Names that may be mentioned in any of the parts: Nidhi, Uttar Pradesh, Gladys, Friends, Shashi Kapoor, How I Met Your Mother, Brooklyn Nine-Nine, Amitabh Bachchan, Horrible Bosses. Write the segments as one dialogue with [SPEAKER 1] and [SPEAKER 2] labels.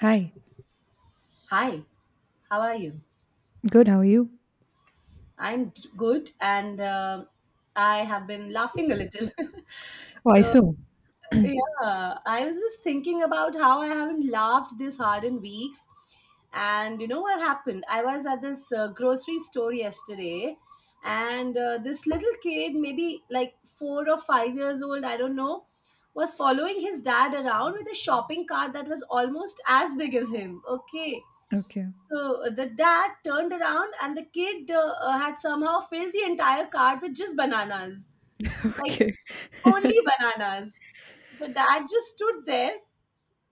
[SPEAKER 1] Hi.
[SPEAKER 2] Hi, how are you?
[SPEAKER 1] Good. How are you?
[SPEAKER 2] Good, and I have been laughing a little.
[SPEAKER 1] Oh, I
[SPEAKER 2] so,
[SPEAKER 1] saw.
[SPEAKER 2] yeah, I was just thinking about how I haven't laughed this hard in weeks. And you know what happened? I was at this grocery store yesterday, and this little kid, maybe like 4 or 5 years old, I don't know, was following his dad around with a shopping cart that was almost as big as him. Okay.
[SPEAKER 1] Okay.
[SPEAKER 2] So the dad turned around, and the kid had somehow filled the entire cart with just bananas, like
[SPEAKER 1] Okay.
[SPEAKER 2] only bananas. The dad just stood there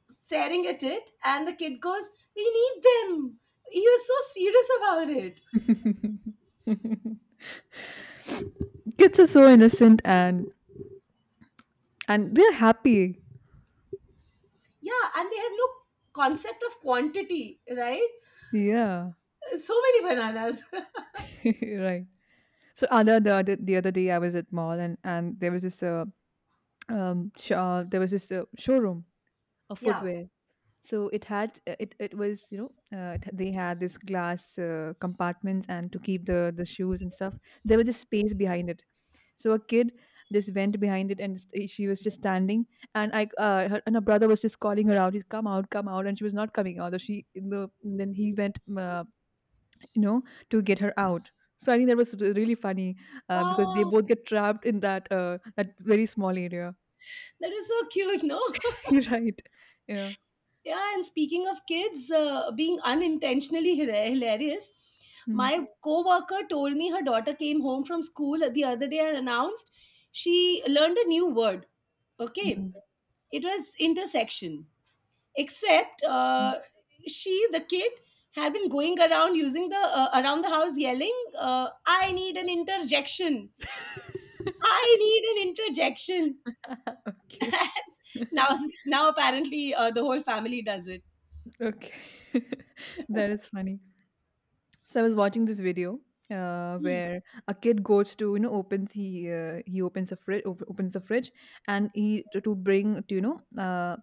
[SPEAKER 2] staring at it, and the kid goes, "We need them. He was so serious about it."
[SPEAKER 1] Kids are so innocent and they're happy.
[SPEAKER 2] Yeah, and they have no concept of quantity, right?
[SPEAKER 1] Yeah.
[SPEAKER 2] So many bananas.
[SPEAKER 1] Right. So other the other the other day I was at mall and there was this there was this showroom of
[SPEAKER 2] Yeah.
[SPEAKER 1] footwear. So it had it was they had this glass compartments and to keep the shoes and stuff. There was a space behind it. So a kid just went behind it, and she was just standing, and her brother was just calling her out, "He's come out," and she was not coming out. So then he went, you know, to get her out. So I think that was really funny because they
[SPEAKER 2] Oh,
[SPEAKER 1] both get trapped in that that very small area.
[SPEAKER 2] that is so cute, no?
[SPEAKER 1] Right? Yeah.
[SPEAKER 2] Yeah, and speaking of kids being unintentionally hilarious,
[SPEAKER 1] Mm.
[SPEAKER 2] my coworker told me her daughter came home from school the other day and announced she learned a new word. Okay,
[SPEAKER 1] Mm.
[SPEAKER 2] it was intersection. Except she, the kid, had been going around using the around the house yelling, "I need an interjection! I need an interjection!"
[SPEAKER 1] okay.
[SPEAKER 2] now, Now apparently the whole family does it.
[SPEAKER 1] okay. That is funny. So I was watching this video
[SPEAKER 2] Hmm.
[SPEAKER 1] where a kid goes to you know opens he opens a opens the fridge and he to bring to, you know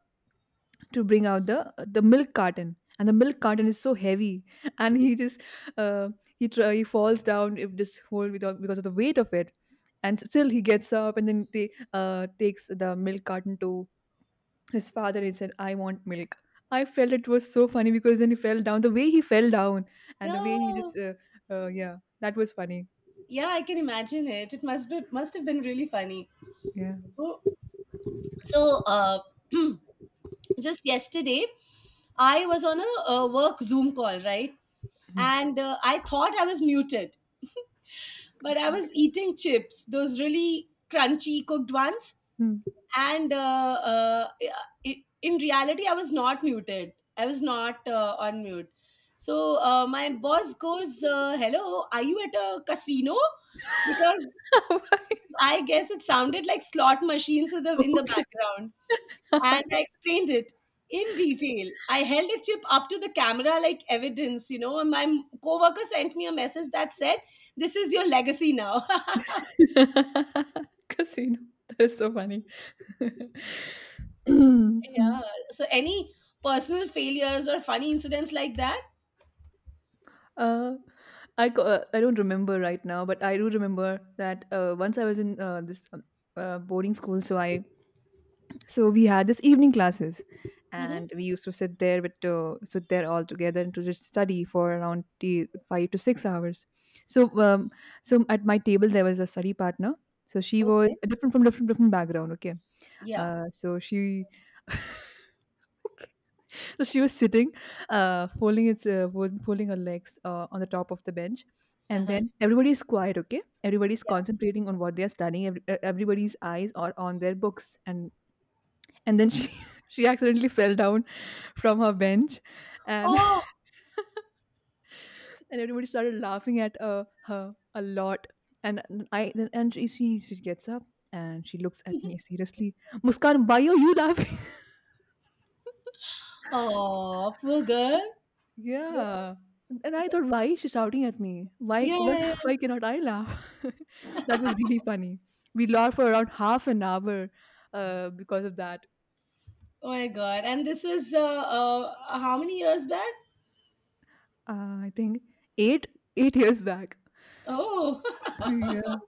[SPEAKER 1] to bring out the milk carton and the milk carton is so heavy and he just uh, he falls down if this whole without because of the weight of it and still he gets up and then they takes the milk carton to his father and said, I want milk. I felt it was so funny because then he fell down. The way he fell down and the way he
[SPEAKER 2] Yeah.
[SPEAKER 1] just, yeah, that was funny.
[SPEAKER 2] Yeah, I can imagine it. Must have been really funny.
[SPEAKER 1] Yeah.
[SPEAKER 2] Oh, so, just yesterday, I was on a work Zoom call, right?
[SPEAKER 1] Hmm.
[SPEAKER 2] And I thought I was muted, but I
[SPEAKER 1] Okay.
[SPEAKER 2] was eating chips, those really crunchy cooked ones.
[SPEAKER 1] Hmm.
[SPEAKER 2] And in reality, I was not muted. I was not on mute. So my boss goes, "Hello, are you at a casino?" Because Because I guess it sounded like slot machines in the
[SPEAKER 1] okay.
[SPEAKER 2] background. And I explained it in detail. I held a chip up to the camera like evidence, you know, and my coworker sent me a message that said, this is your legacy now.
[SPEAKER 1] Casino. That is so funny. Hmm.
[SPEAKER 2] Yeah. So any personal failures or funny incidents like that?
[SPEAKER 1] uh, I don't remember right now, but I do remember that once I was in this boarding school. So we had this evening classes
[SPEAKER 2] Hmm.
[SPEAKER 1] and we used to sit there all together and to just study for around 5 to 6 hours. So so at my table there was a study partner. So she was
[SPEAKER 2] Okay.
[SPEAKER 1] different from different different background. Okay.
[SPEAKER 2] Yeah.
[SPEAKER 1] So she so she was sitting folding folding her legs on the top of the bench, and
[SPEAKER 2] Uh-huh.
[SPEAKER 1] then everybody is quiet. Okay, everybody's concentrating on what they are studying. Everybody's eyes are on their books, and then she she accidentally fell down from her bench, and
[SPEAKER 2] Oh,
[SPEAKER 1] and everybody started laughing at her a lot, and I then and she gets up and she looks at me seriously. Muskan, why are you laughing?
[SPEAKER 2] oh, poor girl. Yeah.
[SPEAKER 1] Yeah. And I thought, why is she shouting at me? why
[SPEAKER 2] Yeah,
[SPEAKER 1] what,
[SPEAKER 2] yeah, yeah.
[SPEAKER 1] why cannot I laugh? That was really funny. We laughed for around half an hour because of that.
[SPEAKER 2] Oh my God. And this was how many years back?
[SPEAKER 1] I think eight eight years back.
[SPEAKER 2] Oh,
[SPEAKER 1] Yeah.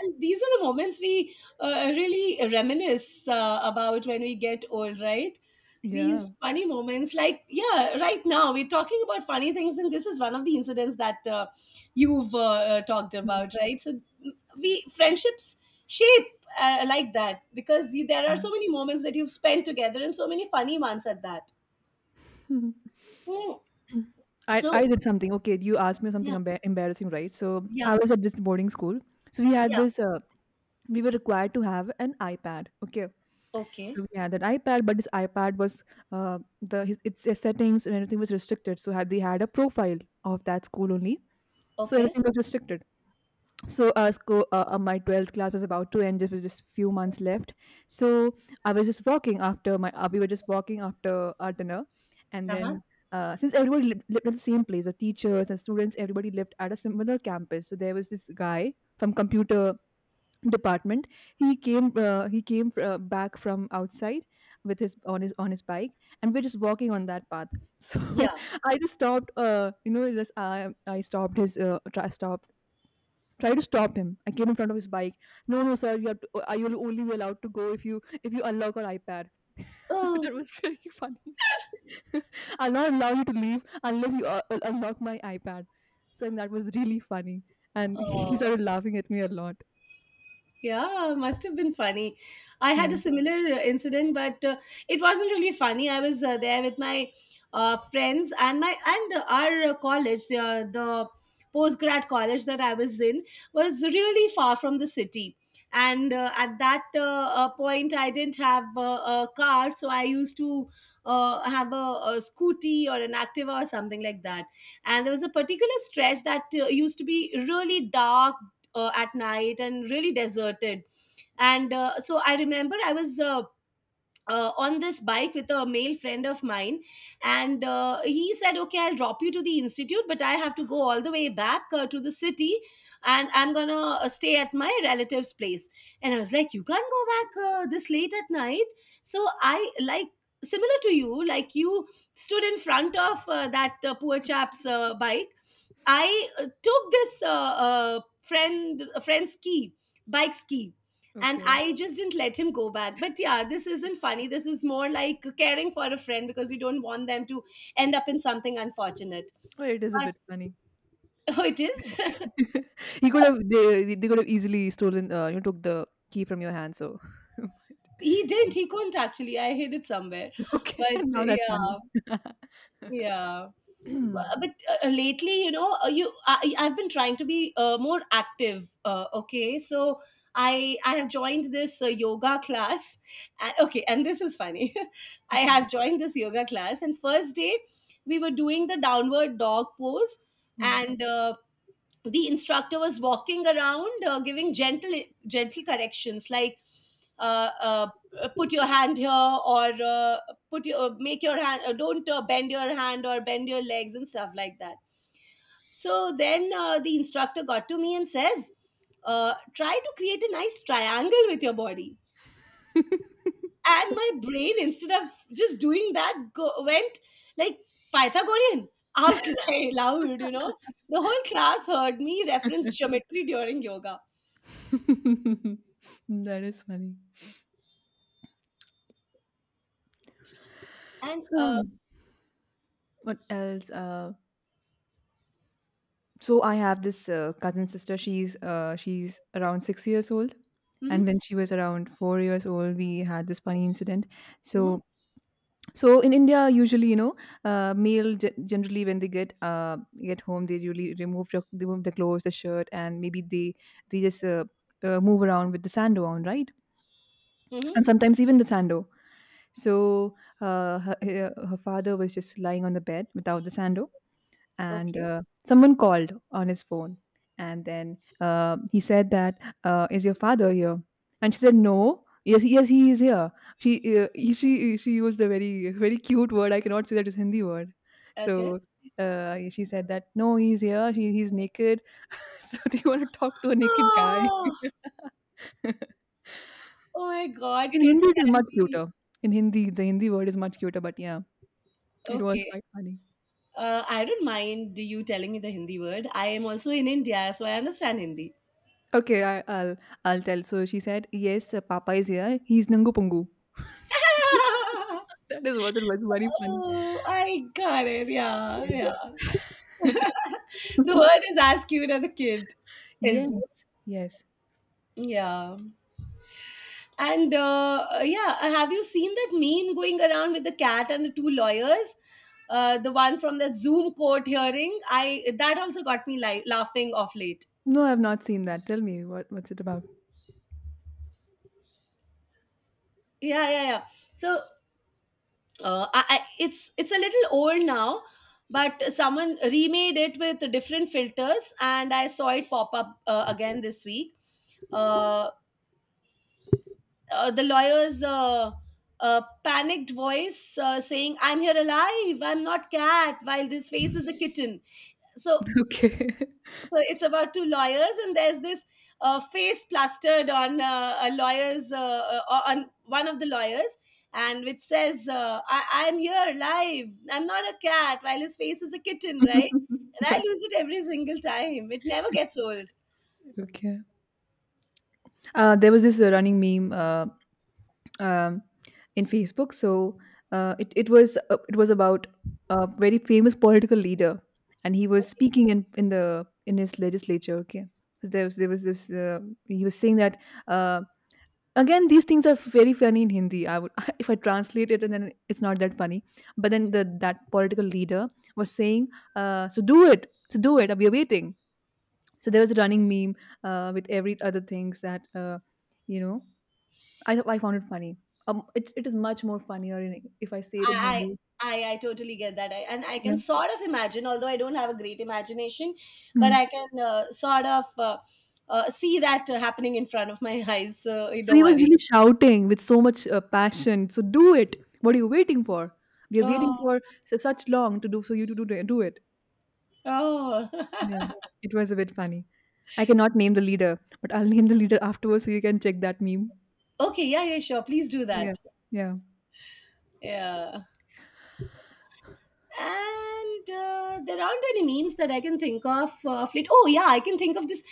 [SPEAKER 2] and these are the moments we really reminisce about when we get old, right?
[SPEAKER 1] Yeah.
[SPEAKER 2] These funny moments, like, yeah, right now we're talking about funny things and this is one of the incidents that you've talked
[SPEAKER 1] Mm.
[SPEAKER 2] about, right? So, mm, we, friendships shape like that because you, there are so many moments that you've spent together and so many funny ones at that.
[SPEAKER 1] Yeah.
[SPEAKER 2] Hmm.
[SPEAKER 1] Mm.
[SPEAKER 2] So,
[SPEAKER 1] I did something. Okay, you asked me something
[SPEAKER 2] yeah,
[SPEAKER 1] embarrassing, right? So
[SPEAKER 2] yeah,
[SPEAKER 1] I was at this boarding school. So we had
[SPEAKER 2] yeah.
[SPEAKER 1] this, we were required to have an iPad. Okay.
[SPEAKER 2] Okay.
[SPEAKER 1] So we had that iPad, but this iPad was, its settings and everything was restricted. So they had a profile of that school only. So
[SPEAKER 2] Okay.
[SPEAKER 1] everything was restricted. So my 12th class was about to end. There was just few months left. So I was just walking after my we were just walking after our dinner, and
[SPEAKER 2] Uh-huh.
[SPEAKER 1] then since everybody lived at the same place, the teachers and students, everybody lived at a similar campus. So there was this guy from computer department. He came back from outside with his on his on his bike, and we're just walking on that path. So
[SPEAKER 2] Yeah.
[SPEAKER 1] I just stopped you know just I stopped stopped. Try to stop him. I came in front of his bike. No, no, sir. You have to. I will only be allowed to go if you unlock our iPad.
[SPEAKER 2] Oh,
[SPEAKER 1] That was very funny. I'll not allow you to leave unless you unlock my iPad. So and that was really funny, and he
[SPEAKER 2] oh.
[SPEAKER 1] started laughing at me a lot.
[SPEAKER 2] Yeah, must have been funny. I had
[SPEAKER 1] Yeah.
[SPEAKER 2] a similar incident, but it wasn't really funny. I was there with my friends and my and our college, the postgrad college that I was in, was really far from the city. And at that point, I didn't have a car, so I used to have a scooty or an Activa or something like that. And there was a particular stretch that used to be really dark at night and really deserted, and so I remember I was on this bike with a male friend of mine, and he said, okay, I'll drop you to the institute, but I have to go all the way back to the city, and I'm gonna stay at my relative's place. And I was like, you can't go back this late at night. So I, like, similar to you, like, you stood in front of that poor chap's bike. I took this friend's key, bike's key, and
[SPEAKER 1] Okay.
[SPEAKER 2] I just didn't let him go back. But yeah, this isn't funny, this is more like caring for a friend because you don't want them to end up in something unfortunate.
[SPEAKER 1] Well, it is a
[SPEAKER 2] But
[SPEAKER 1] bit funny.
[SPEAKER 2] oh, it is.
[SPEAKER 1] He could have, they could have easily stolen. You know, took the key from your hand. So
[SPEAKER 2] He didn't, he couldn't, actually I hid it somewhere.
[SPEAKER 1] okay,
[SPEAKER 2] But
[SPEAKER 1] now that's funny.
[SPEAKER 2] yeah, yeah. But lately, you know, you I, I've been trying to be more active, okay? So I have joined this yoga class. And, okay, and this is funny. I
[SPEAKER 1] okay.
[SPEAKER 2] have joined this yoga class, and first day we were doing the downward dog pose.
[SPEAKER 1] Hmm.
[SPEAKER 2] And the instructor was walking around giving gentle corrections like uh, uh, put your hand here, or put your make your hand, don't bend your hand or bend your legs and stuff like that. So then the instructor got to me and says, try to create a nice triangle with your body. And my brain, instead of just doing that, went like, Pythagorean, out loud, you know. The whole class heard me reference geometry during yoga.
[SPEAKER 1] That is funny.
[SPEAKER 2] And uh.
[SPEAKER 1] Um, what else? So I have this cousin sister. She's around 6 years old,
[SPEAKER 2] Mhm.
[SPEAKER 1] and when she was around 4 years old, we had this funny incident.
[SPEAKER 2] Mhm.
[SPEAKER 1] So so in India, usually, you know, male, generally when they get home, they usually remove the clothes, the shirt, and maybe they just move around with the sando on, right?
[SPEAKER 2] Mhm.
[SPEAKER 1] And sometimes even the sando. So her father was just lying on the bed without the sando, and
[SPEAKER 2] Okay.
[SPEAKER 1] someone called on his phone. And then he said that, "Is your father here?" And she said, "No." Yes, yes, he is here. She she she used a very cute word. I cannot say that is Hindi word. So
[SPEAKER 2] Okay.
[SPEAKER 1] she said that, "No, he's here. He's naked." So do you want to talk to a naked guy?
[SPEAKER 2] Oh, oh my God,
[SPEAKER 1] In Hindi,
[SPEAKER 2] kids
[SPEAKER 1] it is
[SPEAKER 2] can
[SPEAKER 1] much
[SPEAKER 2] be.
[SPEAKER 1] cuter. In Hindi, the Hindi word is much cuter. But yeah, it was
[SPEAKER 2] Okay.
[SPEAKER 1] quite funny.
[SPEAKER 2] I don't mind you telling me the Hindi word. I am also in India, so I understand Hindi.
[SPEAKER 1] Okay, I'll tell. So she said, "Yes, Papa is here. He's Nangu Pungu." That is what it was. Very funny.
[SPEAKER 2] Oh, I got it. Yeah,
[SPEAKER 1] Yes.
[SPEAKER 2] yeah. The word is as cute as the kid
[SPEAKER 1] yes.
[SPEAKER 2] is.
[SPEAKER 1] Yes.
[SPEAKER 2] Yeah. And yeah, have you seen that meme going around with the cat and the two lawyers? The one from the Zoom court hearing, I that also got me laughing off late.
[SPEAKER 1] No, I've not seen that. Tell me what's it about?
[SPEAKER 2] Yeah, yeah, yeah. So it's a little old now, but someone remade it with different filters, and I saw it pop up again this week. Uh, the lawyer's panicked voice saying, "I'm here alive. I'm not cat. While this face is a kitten." So,
[SPEAKER 1] Okay.
[SPEAKER 2] so it's about two lawyers, and there's this face plastered on a lawyer's on one of the lawyers, and which says, "I'm here alive. I'm not a cat. While his face is a kitten, right?" And I lose it every single time. It never gets old.
[SPEAKER 1] okay. There was this running meme um, in Facebook. So it was it was about a very famous political leader, and he was speaking in the in his legislature. Okay. So there was this he was saying that. Uh, Again, these things are very funny in Hindi. I would if I translate it and then it's not that funny. But then the that political leader was saying, "So do it, so do it. We are waiting." So there was a running meme with every other things that you know. I found it funny. It, it is much more funnier in, if I say it in
[SPEAKER 2] I,
[SPEAKER 1] Hindi.
[SPEAKER 2] I I totally get that, I, and I
[SPEAKER 1] Yeah.
[SPEAKER 2] can sort of imagine, although I don't have a great imagination, but
[SPEAKER 1] Hmm.
[SPEAKER 2] I can sort of see that happening in front of my eyes. So you
[SPEAKER 1] So
[SPEAKER 2] don't
[SPEAKER 1] he was
[SPEAKER 2] worry.
[SPEAKER 1] really shouting with so much passion. So do it. What are you waiting for? We are waiting
[SPEAKER 2] Oh,
[SPEAKER 1] for such long to do. So you to do, do it.
[SPEAKER 2] oh,
[SPEAKER 1] Yeah, it was a bit funny. I cannot name the leader, but I'll name the leader afterwards so you can check that meme.
[SPEAKER 2] okay, yeah, yeah, sure. Please do
[SPEAKER 1] Yeah,
[SPEAKER 2] that.
[SPEAKER 1] yeah.
[SPEAKER 2] Yeah. And there aren't any memes that I can think of. Of late. Oh, yeah, I can think of this,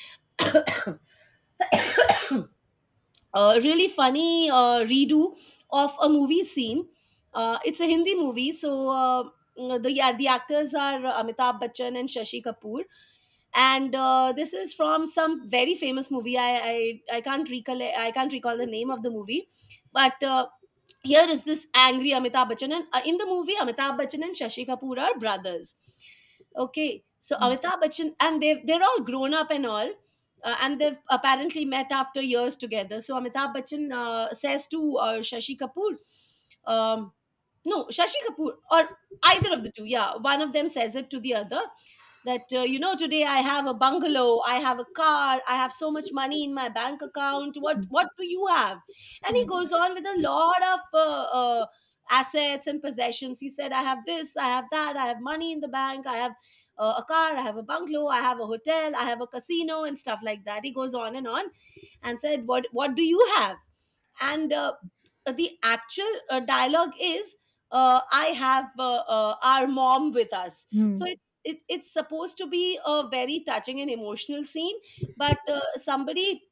[SPEAKER 2] a really funny redo of a movie scene. It's a Hindi movie, so the yeah, the actors are Amitabh Bachchan and Shashi Kapoor, and this is from some very famous movie. I can't recall, the name of the movie, but. Here is this angry Amitabh Bachchan, and in the movie, Amitabh Bachchan and Shashi Kapoor are brothers. Okay, so
[SPEAKER 1] Mm,
[SPEAKER 2] Amitabh Bachchan, and they, they're all grown up and all, and they've apparently met after years together. So Amitabh Bachchan says to Shashi Kapoor, um, no, Shashi Kapoor, or either of the two, yeah, one of them says it to the other that, you know, today I have a bungalow, I have a car, I have so much money in my bank account,
[SPEAKER 1] mm,
[SPEAKER 2] what do you have? And he
[SPEAKER 1] mm,
[SPEAKER 2] goes on with a lot of assets and possessions. He said, I have this, I have that, I have money in the bank, I have a car, I have a bungalow, I have a hotel, I have a casino and stuff like that. He goes on and said, what do you have? And the actual dialogue is, I have our mom with us.
[SPEAKER 1] mm.
[SPEAKER 2] So it's, it, it's supposed to be a very touching and emotional scene, but somebody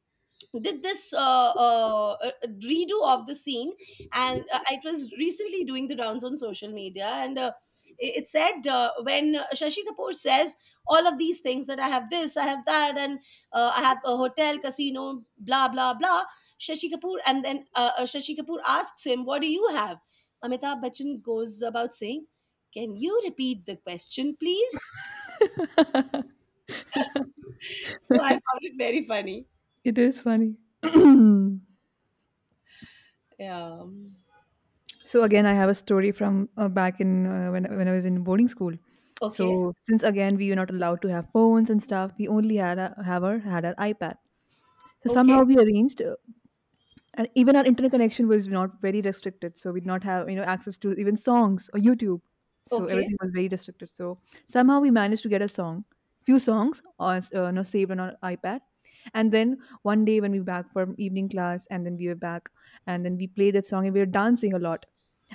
[SPEAKER 2] did this uh, uh, redo of the scene. And it was recently doing the rounds on social media, and it, it said when Shashi Kapoor says all of these things that I have this, I have that, and I have a hotel, casino, blah blah blah, Shashi Kapoor, and then Shashi Kapoor asks him, what do you have? Amitabh Bachchan goes about saying, can you repeat the question, please? So I found it very funny.
[SPEAKER 1] It is funny.
[SPEAKER 2] Yeah.
[SPEAKER 1] So again, I have a story from back in when I was in boarding school.
[SPEAKER 2] Okay.
[SPEAKER 1] So since again we were not allowed to have phones and stuff, we only had our iPad. So somehow
[SPEAKER 2] Okay.
[SPEAKER 1] we arranged. And even our internet connection was not very restricted, so we did not have, you know, access to even songs or YouTube. So
[SPEAKER 2] Okay.
[SPEAKER 1] everything was very restricted. So somehow we managed to get a song, few songs, or you know, saved on our iPad. And then one day when we were back from evening class and then we were back, and then we played that song and we were dancing a lot,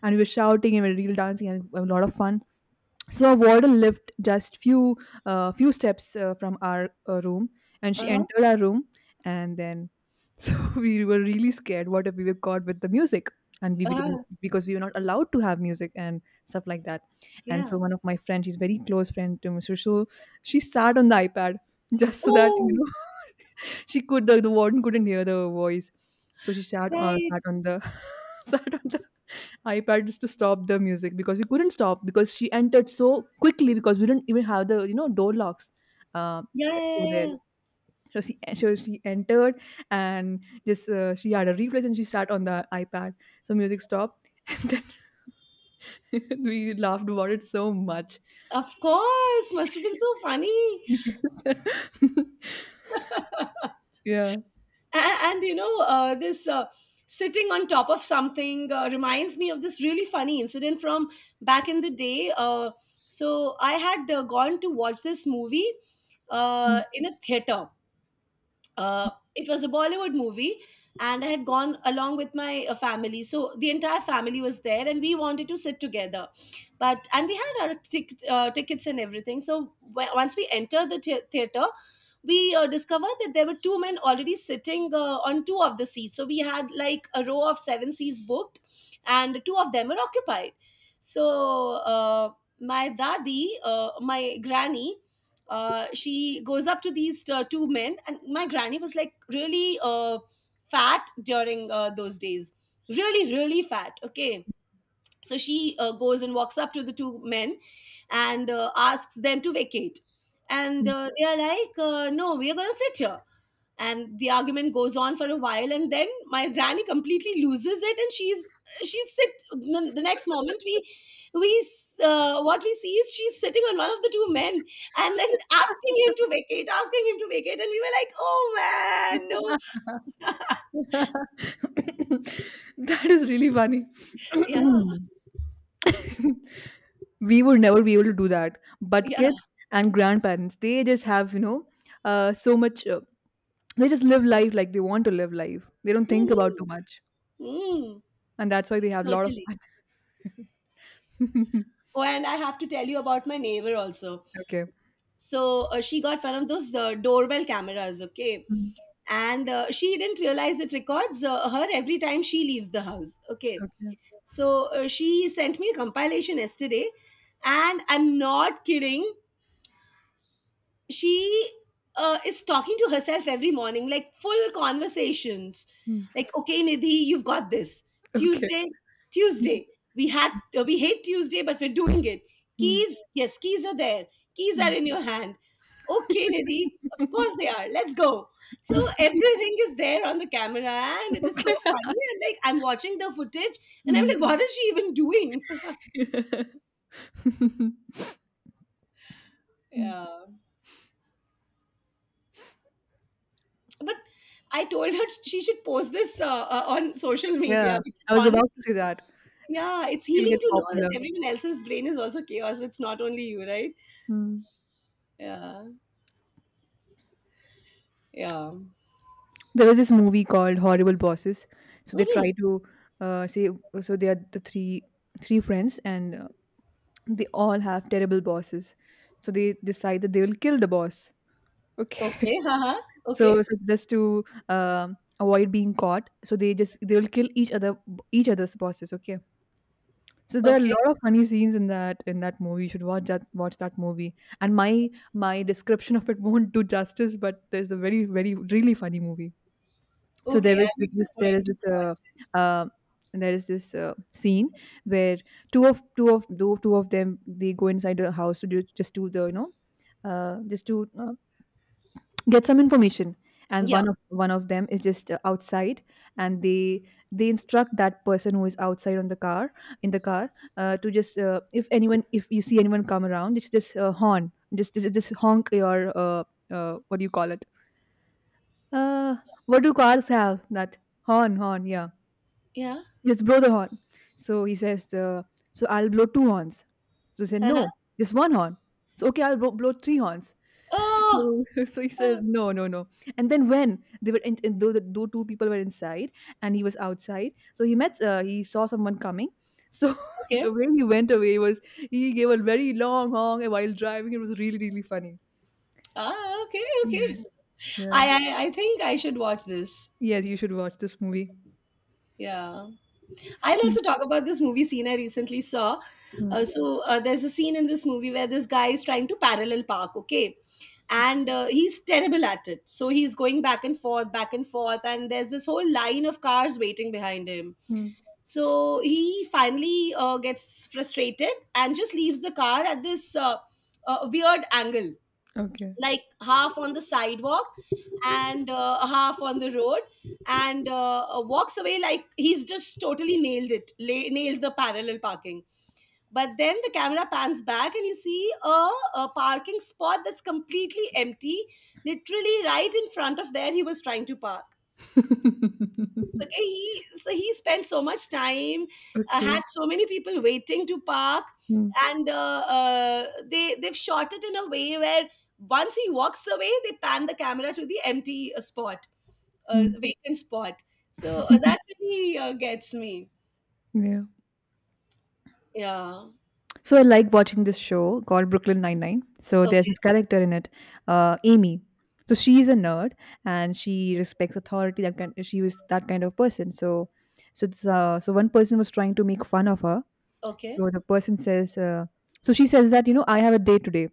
[SPEAKER 1] and we were shouting and we were real dancing and a lot of fun. So a warder lived just few few steps from our room, and she
[SPEAKER 2] Uh-huh.
[SPEAKER 1] entered our room, and then so we were really scared. What if we were caught with the music? And we become,
[SPEAKER 2] Ah,
[SPEAKER 1] because we were not allowed to have music and stuff like that. And
[SPEAKER 2] yeah.
[SPEAKER 1] so one of my friends, she's very close friend to Mr. So she sat on the iPad just so that you
[SPEAKER 2] Oh,
[SPEAKER 1] know, she could, the warden couldn't hear the voice. So she sat sat
[SPEAKER 2] right.
[SPEAKER 1] on the sat on iPads to stop the music because we couldn't stop because she entered so quickly because we didn't even have the, you know, door locks uh,
[SPEAKER 2] Yeah, yeah,
[SPEAKER 1] over
[SPEAKER 2] yeah.
[SPEAKER 1] there.
[SPEAKER 2] Yeah.
[SPEAKER 1] So she entered and just she had a replace and she sat on the iPad. So music stopped and then we laughed about it so much.
[SPEAKER 2] Of course, must have been so funny.
[SPEAKER 1] Yes.
[SPEAKER 2] and,
[SPEAKER 1] yeah.
[SPEAKER 2] and you know, this sitting on top of something reminds me of this really funny incident from back in the day. So I had gone to watch this movie in a theater, it was a Bollywood movie, and I had gone along with my family. So the entire family was there, and we wanted to sit together. But and we had our tickets and everything. So once we entered the theater, we discovered that there were two men already sitting on two of the seats. So we had like a row of seven seats booked, and two of them were occupied. So my dadi, my granny, she goes up to these two men, and my granny was like really fat during those days, really, really fat. Okay, so she goes and walks up to the two men and asks them to vacate, and they are like, no, we are going to sit here. And the argument goes on for a while, and then my granny completely loses it, and she's sit the next moment we what we see is she's sitting on one of the two men and then asking him to vacate, asking him to vacate. And we were like, oh man, no.
[SPEAKER 1] That is really funny.
[SPEAKER 2] Yeah.
[SPEAKER 1] We would never be able to do that, but
[SPEAKER 2] yeah
[SPEAKER 1] kids and grandparents, they just have you know so much they just live life like they want to live life. They don't think about too
[SPEAKER 2] Mhm.
[SPEAKER 1] much,
[SPEAKER 2] Mm,
[SPEAKER 1] and that's why they have a lot of
[SPEAKER 2] totally.
[SPEAKER 1] fun.
[SPEAKER 2] Oh, and I have to tell you about my neighbor also.
[SPEAKER 1] Okay.
[SPEAKER 2] So she got one of those doorbell cameras, okay.
[SPEAKER 1] Mm,
[SPEAKER 2] And she didn't realize it records her every time she leaves the house, okay.
[SPEAKER 1] okay.
[SPEAKER 2] So she sent me a compilation yesterday, and I'm not kidding, she is talking to herself every morning, like full conversations.
[SPEAKER 1] Mm,
[SPEAKER 2] Like, okay, Nidhi, you've got this.
[SPEAKER 1] okay.
[SPEAKER 2] Tuesday, Tuesday, we had we hate Tuesday, but we're doing it.
[SPEAKER 1] Mm,
[SPEAKER 2] Keys, yes, keys are there. Keys are
[SPEAKER 1] mm.
[SPEAKER 2] in your hand. Okay, Nidhi, of
[SPEAKER 1] Okay.
[SPEAKER 2] course they are. Let's go. So everything is there on the camera, and it is so funny. And like, I'm watching the footage, and I'm
[SPEAKER 1] Mm.
[SPEAKER 2] like, what is she even doing? yeah. But I told her she should post this on social media
[SPEAKER 1] Yeah,
[SPEAKER 2] because,
[SPEAKER 1] I was about to
[SPEAKER 2] honestly,
[SPEAKER 1] say that.
[SPEAKER 2] yeah, it's
[SPEAKER 1] She'll
[SPEAKER 2] healing
[SPEAKER 1] get
[SPEAKER 2] to know that
[SPEAKER 1] popular.
[SPEAKER 2] everyone else's brain is also chaos. It's not only you, right? Yeah, yeah.
[SPEAKER 1] There was this movie called Horrible Bosses. So they
[SPEAKER 2] Hmm.
[SPEAKER 1] try to say, so they are the three friends, and they all have terrible bosses. So they decide that they will kill the boss. Okay.
[SPEAKER 2] Okay, haha.
[SPEAKER 1] So,
[SPEAKER 2] Okay,
[SPEAKER 1] just to avoid being caught, so they just they will kill each other's bosses. Okay. So there are a
[SPEAKER 2] okay,
[SPEAKER 1] lot of funny scenes in that movie. You should watch that movie. And my description of it won't do justice, but there's a very really funny movie. So there
[SPEAKER 2] okay. I
[SPEAKER 1] was th-
[SPEAKER 2] make
[SPEAKER 1] this
[SPEAKER 2] a
[SPEAKER 1] there is
[SPEAKER 2] point to
[SPEAKER 1] this
[SPEAKER 2] watch
[SPEAKER 1] uh there is this scene where two of them, they go inside a house to do, just to the just to get some information.
[SPEAKER 2] it.
[SPEAKER 1] And
[SPEAKER 2] Yeah,
[SPEAKER 1] one of them is just outside, and they instruct that person who is outside on the car, in the car, to just if anyone if you see anyone come around, it's just horn just, just honk your what do you call it, uh, what do cars have, that horn, yeah,
[SPEAKER 2] yeah.
[SPEAKER 1] just blow the horn. So he says, so I'll blow two horns. So he said,
[SPEAKER 2] Uh-huh.
[SPEAKER 1] no, just one horn. So okay, I'll blow, three horns.
[SPEAKER 2] Oh,
[SPEAKER 1] So so he says,
[SPEAKER 2] uh,
[SPEAKER 1] no, no, no. And then when they were in though the though two people were inside and he was outside, so he met he saw someone coming. So the
[SPEAKER 2] okay.
[SPEAKER 1] way he went away was he gave a very long honk while driving. It was really funny.
[SPEAKER 2] Ah, okay,
[SPEAKER 1] Yeah,
[SPEAKER 2] okay.
[SPEAKER 1] yeah.
[SPEAKER 2] I think I should watch this.
[SPEAKER 1] Yes, you should watch this movie.
[SPEAKER 2] Yeah. I'll
[SPEAKER 1] Mm,
[SPEAKER 2] also talk about this movie scene I recently saw. Uh,
[SPEAKER 1] mm,
[SPEAKER 2] so uh, there's a scene in this movie where this guy is trying to parallel park, okay? And he's terrible at it. So he's going back and forth, and there's this whole line of cars waiting behind him.
[SPEAKER 1] mm.
[SPEAKER 2] So he finally gets frustrated and just leaves the car at this weird angle,
[SPEAKER 1] Okay.
[SPEAKER 2] like half on the sidewalk and half on the road, and walks away like he's just totally nailed the parallel parking. But then the camera pans back and you see a parking spot that's completely empty, literally right in front of where he was trying to park. So he spent so much time,
[SPEAKER 1] Okay.
[SPEAKER 2] had so many people waiting to park,
[SPEAKER 1] Mm,
[SPEAKER 2] and they they've shot it in a way where once he walks away, they pan the camera to the empty spot,
[SPEAKER 1] mm.
[SPEAKER 2] vacant spot. So that really gets me.
[SPEAKER 1] Yeah.
[SPEAKER 2] Yeah.
[SPEAKER 1] So I like watching this show called Brooklyn Nine-Nine. So there's
[SPEAKER 2] Okay.
[SPEAKER 1] this character in it, Amy. So she is a nerd, and she respects authority. That kind, she was that kind of person. So, this, one person was trying to make fun of her.
[SPEAKER 2] Okay.
[SPEAKER 1] So the person says, she says that, you know, I have a date today.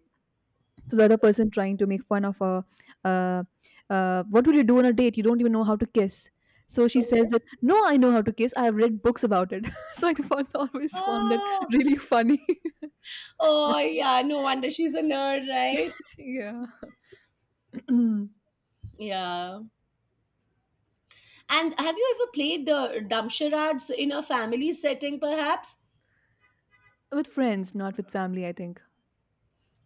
[SPEAKER 1] So the other person trying to make fun of her, uh, what will you do on a date? You don't even know how to kiss. So she says
[SPEAKER 2] Okay.
[SPEAKER 1] that, no, I know how to kiss. I have read books about it. So I found always found that
[SPEAKER 2] Oh.
[SPEAKER 1] really funny.
[SPEAKER 2] Oh yeah. No wonder she's a nerd, right?
[SPEAKER 1] Yeah.
[SPEAKER 2] Yeah. And have you ever played Damsharaj in a family setting, perhaps?
[SPEAKER 1] With friends, not with family, I think.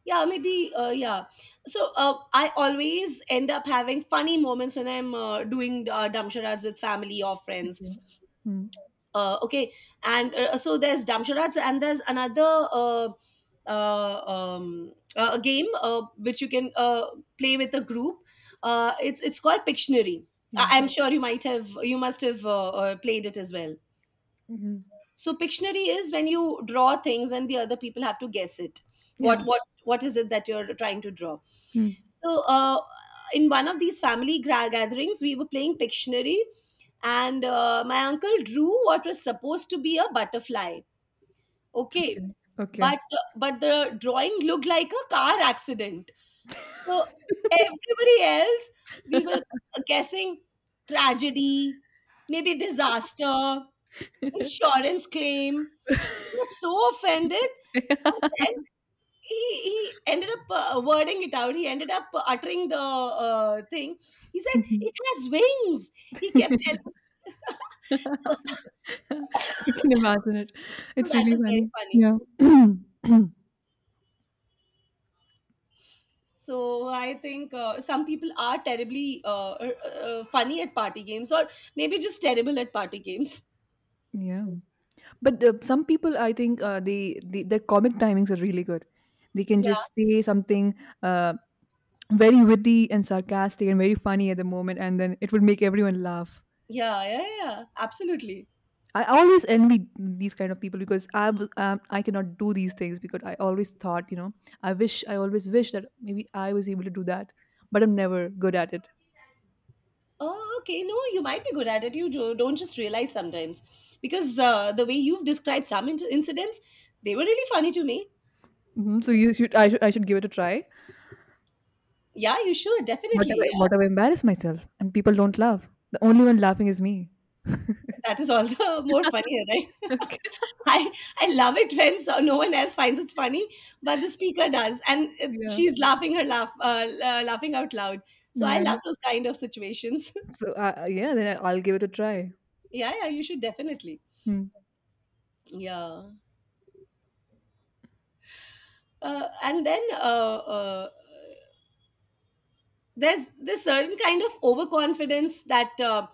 [SPEAKER 2] Yeah, maybe yeah. So I always end up having funny moments when I'm doing damsharads with family or friends.
[SPEAKER 1] Okay. Mm.
[SPEAKER 2] Okay. And so there's damsharads, and there's another a game which you can play with a group. It's called pictionary. I-
[SPEAKER 1] Yeah.
[SPEAKER 2] i'm sure you might have you must have played it as well.
[SPEAKER 1] Hmm.
[SPEAKER 2] So pictionary is when you draw things and the other people have to guess it,
[SPEAKER 1] Yeah.
[SPEAKER 2] what is it that you're trying to draw.
[SPEAKER 1] Hmm.
[SPEAKER 2] So in one of these gatherings, we were playing pictionary, and my uncle drew what was supposed to be a butterfly, okay.
[SPEAKER 1] Okay. Okay.
[SPEAKER 2] But the drawing looked like a car accident, so everybody else, we were guessing tragedy, maybe disaster, insurance claim. He was so offended.
[SPEAKER 1] Yeah.
[SPEAKER 2] And then he ended up wording it out. He ended up uttering the thing. He said, "It has wings." He kept telling us. so,
[SPEAKER 1] I can imagine it.
[SPEAKER 2] so
[SPEAKER 1] It's
[SPEAKER 2] that
[SPEAKER 1] really
[SPEAKER 2] was very
[SPEAKER 1] funny.
[SPEAKER 2] funny.
[SPEAKER 1] Yeah.
[SPEAKER 2] So I think some people are terribly funny at party games, or maybe just terrible at party games.
[SPEAKER 1] Yeah. But some people, I think, they, their comic timings are really good. They can
[SPEAKER 2] Yeah,
[SPEAKER 1] just say something uh, very witty and sarcastic and very funny at the moment, and then it would make everyone laugh.
[SPEAKER 2] yeah, absolutely.
[SPEAKER 1] I always envy these kind of people, because I I cannot do these things, because I always thought, you know, I wish, I always wish that maybe I was able to do that, but I'm never good at it.
[SPEAKER 2] Oh, okay. No, you might be good at it. You don't just realize sometimes. Because the way you've described some incidents, they were really funny to me.
[SPEAKER 1] Mhm. So you should I should I should give it a try.
[SPEAKER 2] Yeah, you should. Definitely. Yeah.
[SPEAKER 1] What if I embarrass myself and people don't laugh? The only one laughing is me.
[SPEAKER 2] That is all the more funnier, right?
[SPEAKER 1] Okay.
[SPEAKER 2] I, I love it when so no one else finds it funny, but the speaker does. And
[SPEAKER 1] Yeah.
[SPEAKER 2] she's laughing her laugh, laughing out loud. So I love
[SPEAKER 1] Yeah.
[SPEAKER 2] those kind of situations.
[SPEAKER 1] So yeah, then I'll give it a try.
[SPEAKER 2] yeah, yeah, you should definitely.
[SPEAKER 1] Hmm.
[SPEAKER 2] Yeah. And then there's this certain kind of overconfidence that uh,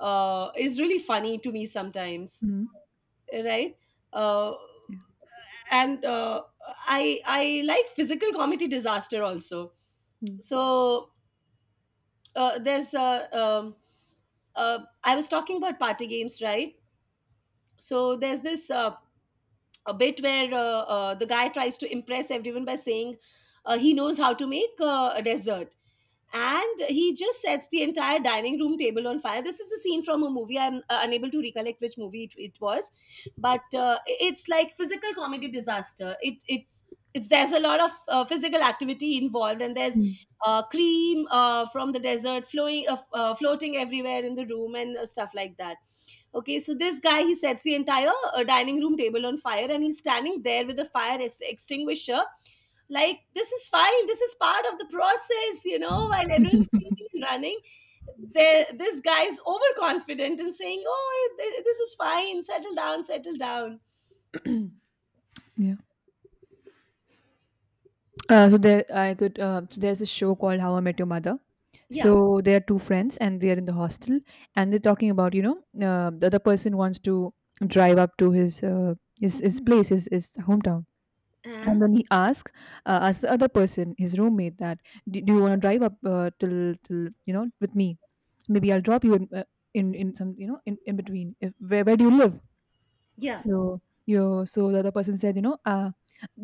[SPEAKER 2] uh, is really funny to me sometimes,
[SPEAKER 1] Mhm.
[SPEAKER 2] right. uh,
[SPEAKER 1] Yeah.
[SPEAKER 2] and uh, i i like physical comedy disaster also.
[SPEAKER 1] Mm.
[SPEAKER 2] So there's uh, I was talking about party games, right? So there's this a bit where the guy tries to impress everyone by saying he knows how to make a dessert, and he just sets the entire dining room table on fire. This is a scene from a movie I'm unable to recollect which movie it was. But it's like physical comedy disaster. It it's There's a lot of physical activity involved, and there's
[SPEAKER 1] Mm.
[SPEAKER 2] cream from the desert flowing, floating everywhere in the room, and stuff like that. Okay, so this guy, he sets the entire dining room table on fire, and he's standing there with a extinguisher. Like, this is fine. This is part of the process, you know. While everyone's screaming and running, there, this guy is overconfident and saying, "Oh, this is fine. Settle down. Settle down."
[SPEAKER 1] Yeah. So there, I could. So there's a show called How I Met Your Mother.
[SPEAKER 2] Yeah.
[SPEAKER 1] So they are two friends and they are in the hostel, and they're talking about, you know, the other person wants to drive up to his his place, his hometown.
[SPEAKER 2] Uh,
[SPEAKER 1] And then he asks, asks the other person, his roommate, that, do you want to drive up till, you know, with me? Maybe I'll drop you in some, you know, in between. If where do you live?
[SPEAKER 2] yeah.
[SPEAKER 1] So, you so the other person said, you know, uh,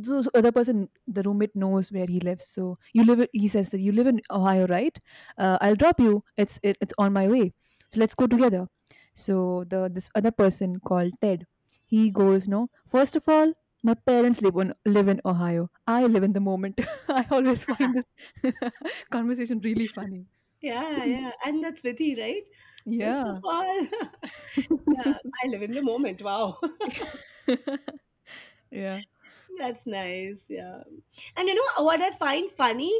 [SPEAKER 1] so, so other person, the roommate knows where he lives. So you live, he says that you live in Ohio, right? I'll drop you. It's on my way. So let's go together. So the this other person called Ted, he goes, no. First of all, my parents live in Ohio. I live in the moment. I always find this conversation really funny.
[SPEAKER 2] Yeah. Yeah. And that's witty, right? First of
[SPEAKER 1] Yeah.
[SPEAKER 2] all, yeah, I live in the moment. Wow.
[SPEAKER 1] Yeah.
[SPEAKER 2] That's nice. Yeah. And you know what I find funny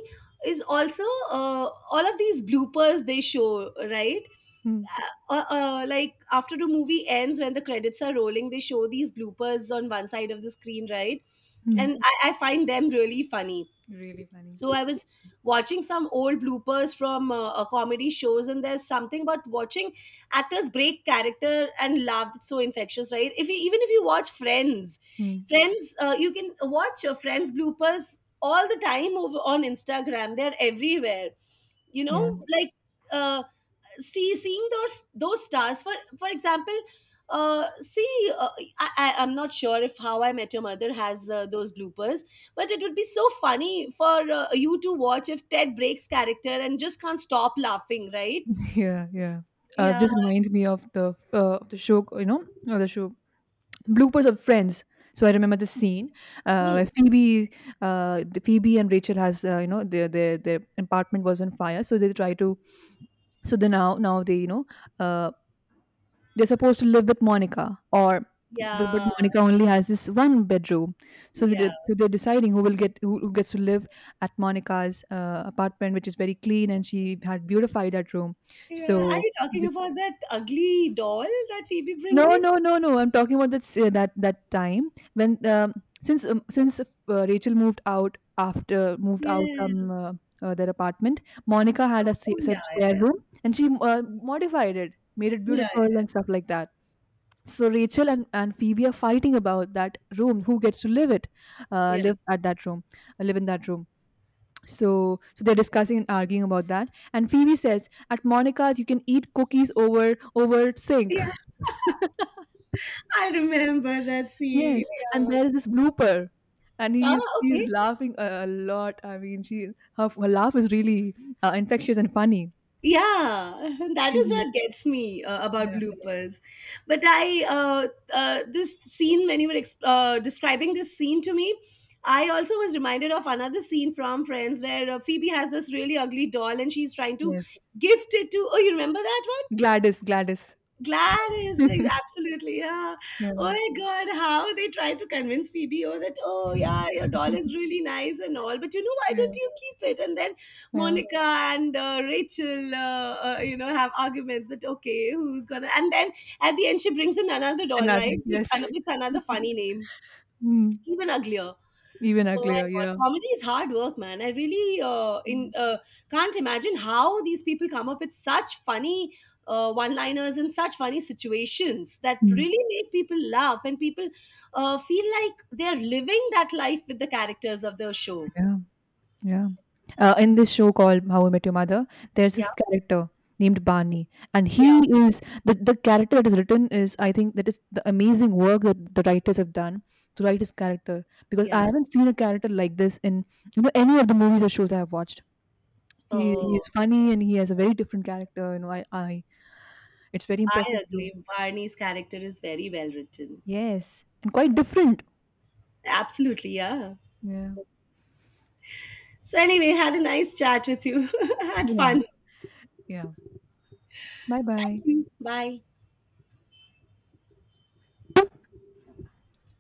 [SPEAKER 2] is also all of these bloopers they show, right?
[SPEAKER 1] Hmm.
[SPEAKER 2] Like, after the movie ends, when the credits are rolling, they show these bloopers on one side of the screen, right?
[SPEAKER 1] Hmm.
[SPEAKER 2] And I find them really funny.
[SPEAKER 1] Really funny.
[SPEAKER 2] So I was watching some old bloopers from comedy shows, and there's something about watching actors break character and laugh that's so infectious, right? If you, even if you watch Friends,
[SPEAKER 1] Hmm.
[SPEAKER 2] Friends, you can watch your Friends bloopers all the time over on Instagram. They're everywhere. You
[SPEAKER 1] Yeah.
[SPEAKER 2] know, like. Uh, seeing those stars, for example. Uh see uh, I, I i'm not sure if How I Met Your Mother has those bloopers, but it would be so funny for you to watch if Ted breaks character and just can't stop laughing, right.
[SPEAKER 1] Yeah, yeah.
[SPEAKER 2] Yeah.
[SPEAKER 1] This reminds me of the show, you know, the show bloopers of Friends. So I remember the scene
[SPEAKER 2] Hmm.
[SPEAKER 1] where Phoebe, the Phoebe and Rachel has, you know, their their apartment was on fire. So they try to, so they now they, you know, uh, they're supposed to live with Monica. Or but,
[SPEAKER 2] yeah
[SPEAKER 1] Monica only has this one bedroom. So
[SPEAKER 2] yeah
[SPEAKER 1] so they're deciding who will get, who gets to live at Monica's apartment, which is very clean, and she had beautified that room.
[SPEAKER 2] yeah, are
[SPEAKER 1] So
[SPEAKER 2] you talking about that ugly doll that Phoebe brings
[SPEAKER 1] no,
[SPEAKER 2] in?
[SPEAKER 1] no, no, no. I'm talking about that s- that that time when, since Rachel moved out,
[SPEAKER 2] yeah
[SPEAKER 1] from their apartment. Monica had a
[SPEAKER 2] oh yeah
[SPEAKER 1] spare
[SPEAKER 2] yeah
[SPEAKER 1] room, and she modified it, made it beautiful
[SPEAKER 2] yeah,
[SPEAKER 1] and stuff like that. So Rachel and, Phoebe are fighting about that room, who gets to live it, uh,
[SPEAKER 2] yeah,
[SPEAKER 1] live at that room, live in that room. So they're discussing and arguing about that. And Phoebe says, at Monica's, you can eat cookies over sink.
[SPEAKER 2] yeah. I remember that scene,
[SPEAKER 1] Yes, and
[SPEAKER 2] yeah.
[SPEAKER 1] there is this blooper, and
[SPEAKER 2] Ah,
[SPEAKER 1] he's she's
[SPEAKER 2] okay.
[SPEAKER 1] laughing a lot. I mean, she her her laugh is really, infectious and funny.
[SPEAKER 2] Yeah, that is
[SPEAKER 1] Phoebe,
[SPEAKER 2] what gets me about
[SPEAKER 1] yeah,
[SPEAKER 2] bloopers. But i uh, uh, this scene, when you were describing this scene to me, I also was reminded of another scene from Friends where Phoebe has this really ugly doll and she's trying to
[SPEAKER 1] yes.
[SPEAKER 2] gift it to, oh, you remember that one?
[SPEAKER 1] Gladys, Gladys.
[SPEAKER 2] Gladys, absolutely, yeah. Oh
[SPEAKER 1] Yeah.
[SPEAKER 2] my God, how they try to convince Phoebe, oh that, oh yeah, your doll is really nice and all, but, you know, why
[SPEAKER 1] Yeah,
[SPEAKER 2] don't you keep it? And then
[SPEAKER 1] yeah.
[SPEAKER 2] Monica and Rachel, you know, have arguments that okay, who's gonna? And then at the end, she brings in another doll,
[SPEAKER 1] Another,
[SPEAKER 2] right,
[SPEAKER 1] yes.
[SPEAKER 2] with another funny name,
[SPEAKER 1] Mm.
[SPEAKER 2] even uglier.
[SPEAKER 1] Even
[SPEAKER 2] Oh my
[SPEAKER 1] uglier,
[SPEAKER 2] god,
[SPEAKER 1] yeah.
[SPEAKER 2] comedy is hard work, man. I really in
[SPEAKER 1] Mm.
[SPEAKER 2] can't imagine how these people come up with such funny one-liners and such funny situations that
[SPEAKER 1] Mm,
[SPEAKER 2] really make people laugh and people feel like they're living that life with the characters of the show.
[SPEAKER 1] yeah. Yeah. In this show called How I Met Your Mother, there's
[SPEAKER 2] Yeah,
[SPEAKER 1] this character named Barney, and he
[SPEAKER 2] yeah,
[SPEAKER 1] is the, character that is written, is, I think, that is the amazing work that the writers have done to write his character, because I
[SPEAKER 2] yeah.
[SPEAKER 1] haven't seen a character like this in, you know, any of the movies or shows I have watched. He,
[SPEAKER 2] Oh,
[SPEAKER 1] is funny and he has a very different character. You know, I, it's very impressive
[SPEAKER 2] I
[SPEAKER 1] too.
[SPEAKER 2] agree. Barney's character is very well written.
[SPEAKER 1] Yes, and quite different.
[SPEAKER 2] Absolutely, yeah.
[SPEAKER 1] Yeah.
[SPEAKER 2] So anyway, had a nice chat with you. had
[SPEAKER 1] Yeah.
[SPEAKER 2] fun.
[SPEAKER 1] Yeah. Bye
[SPEAKER 2] Thank
[SPEAKER 1] bye.
[SPEAKER 2] you. Bye.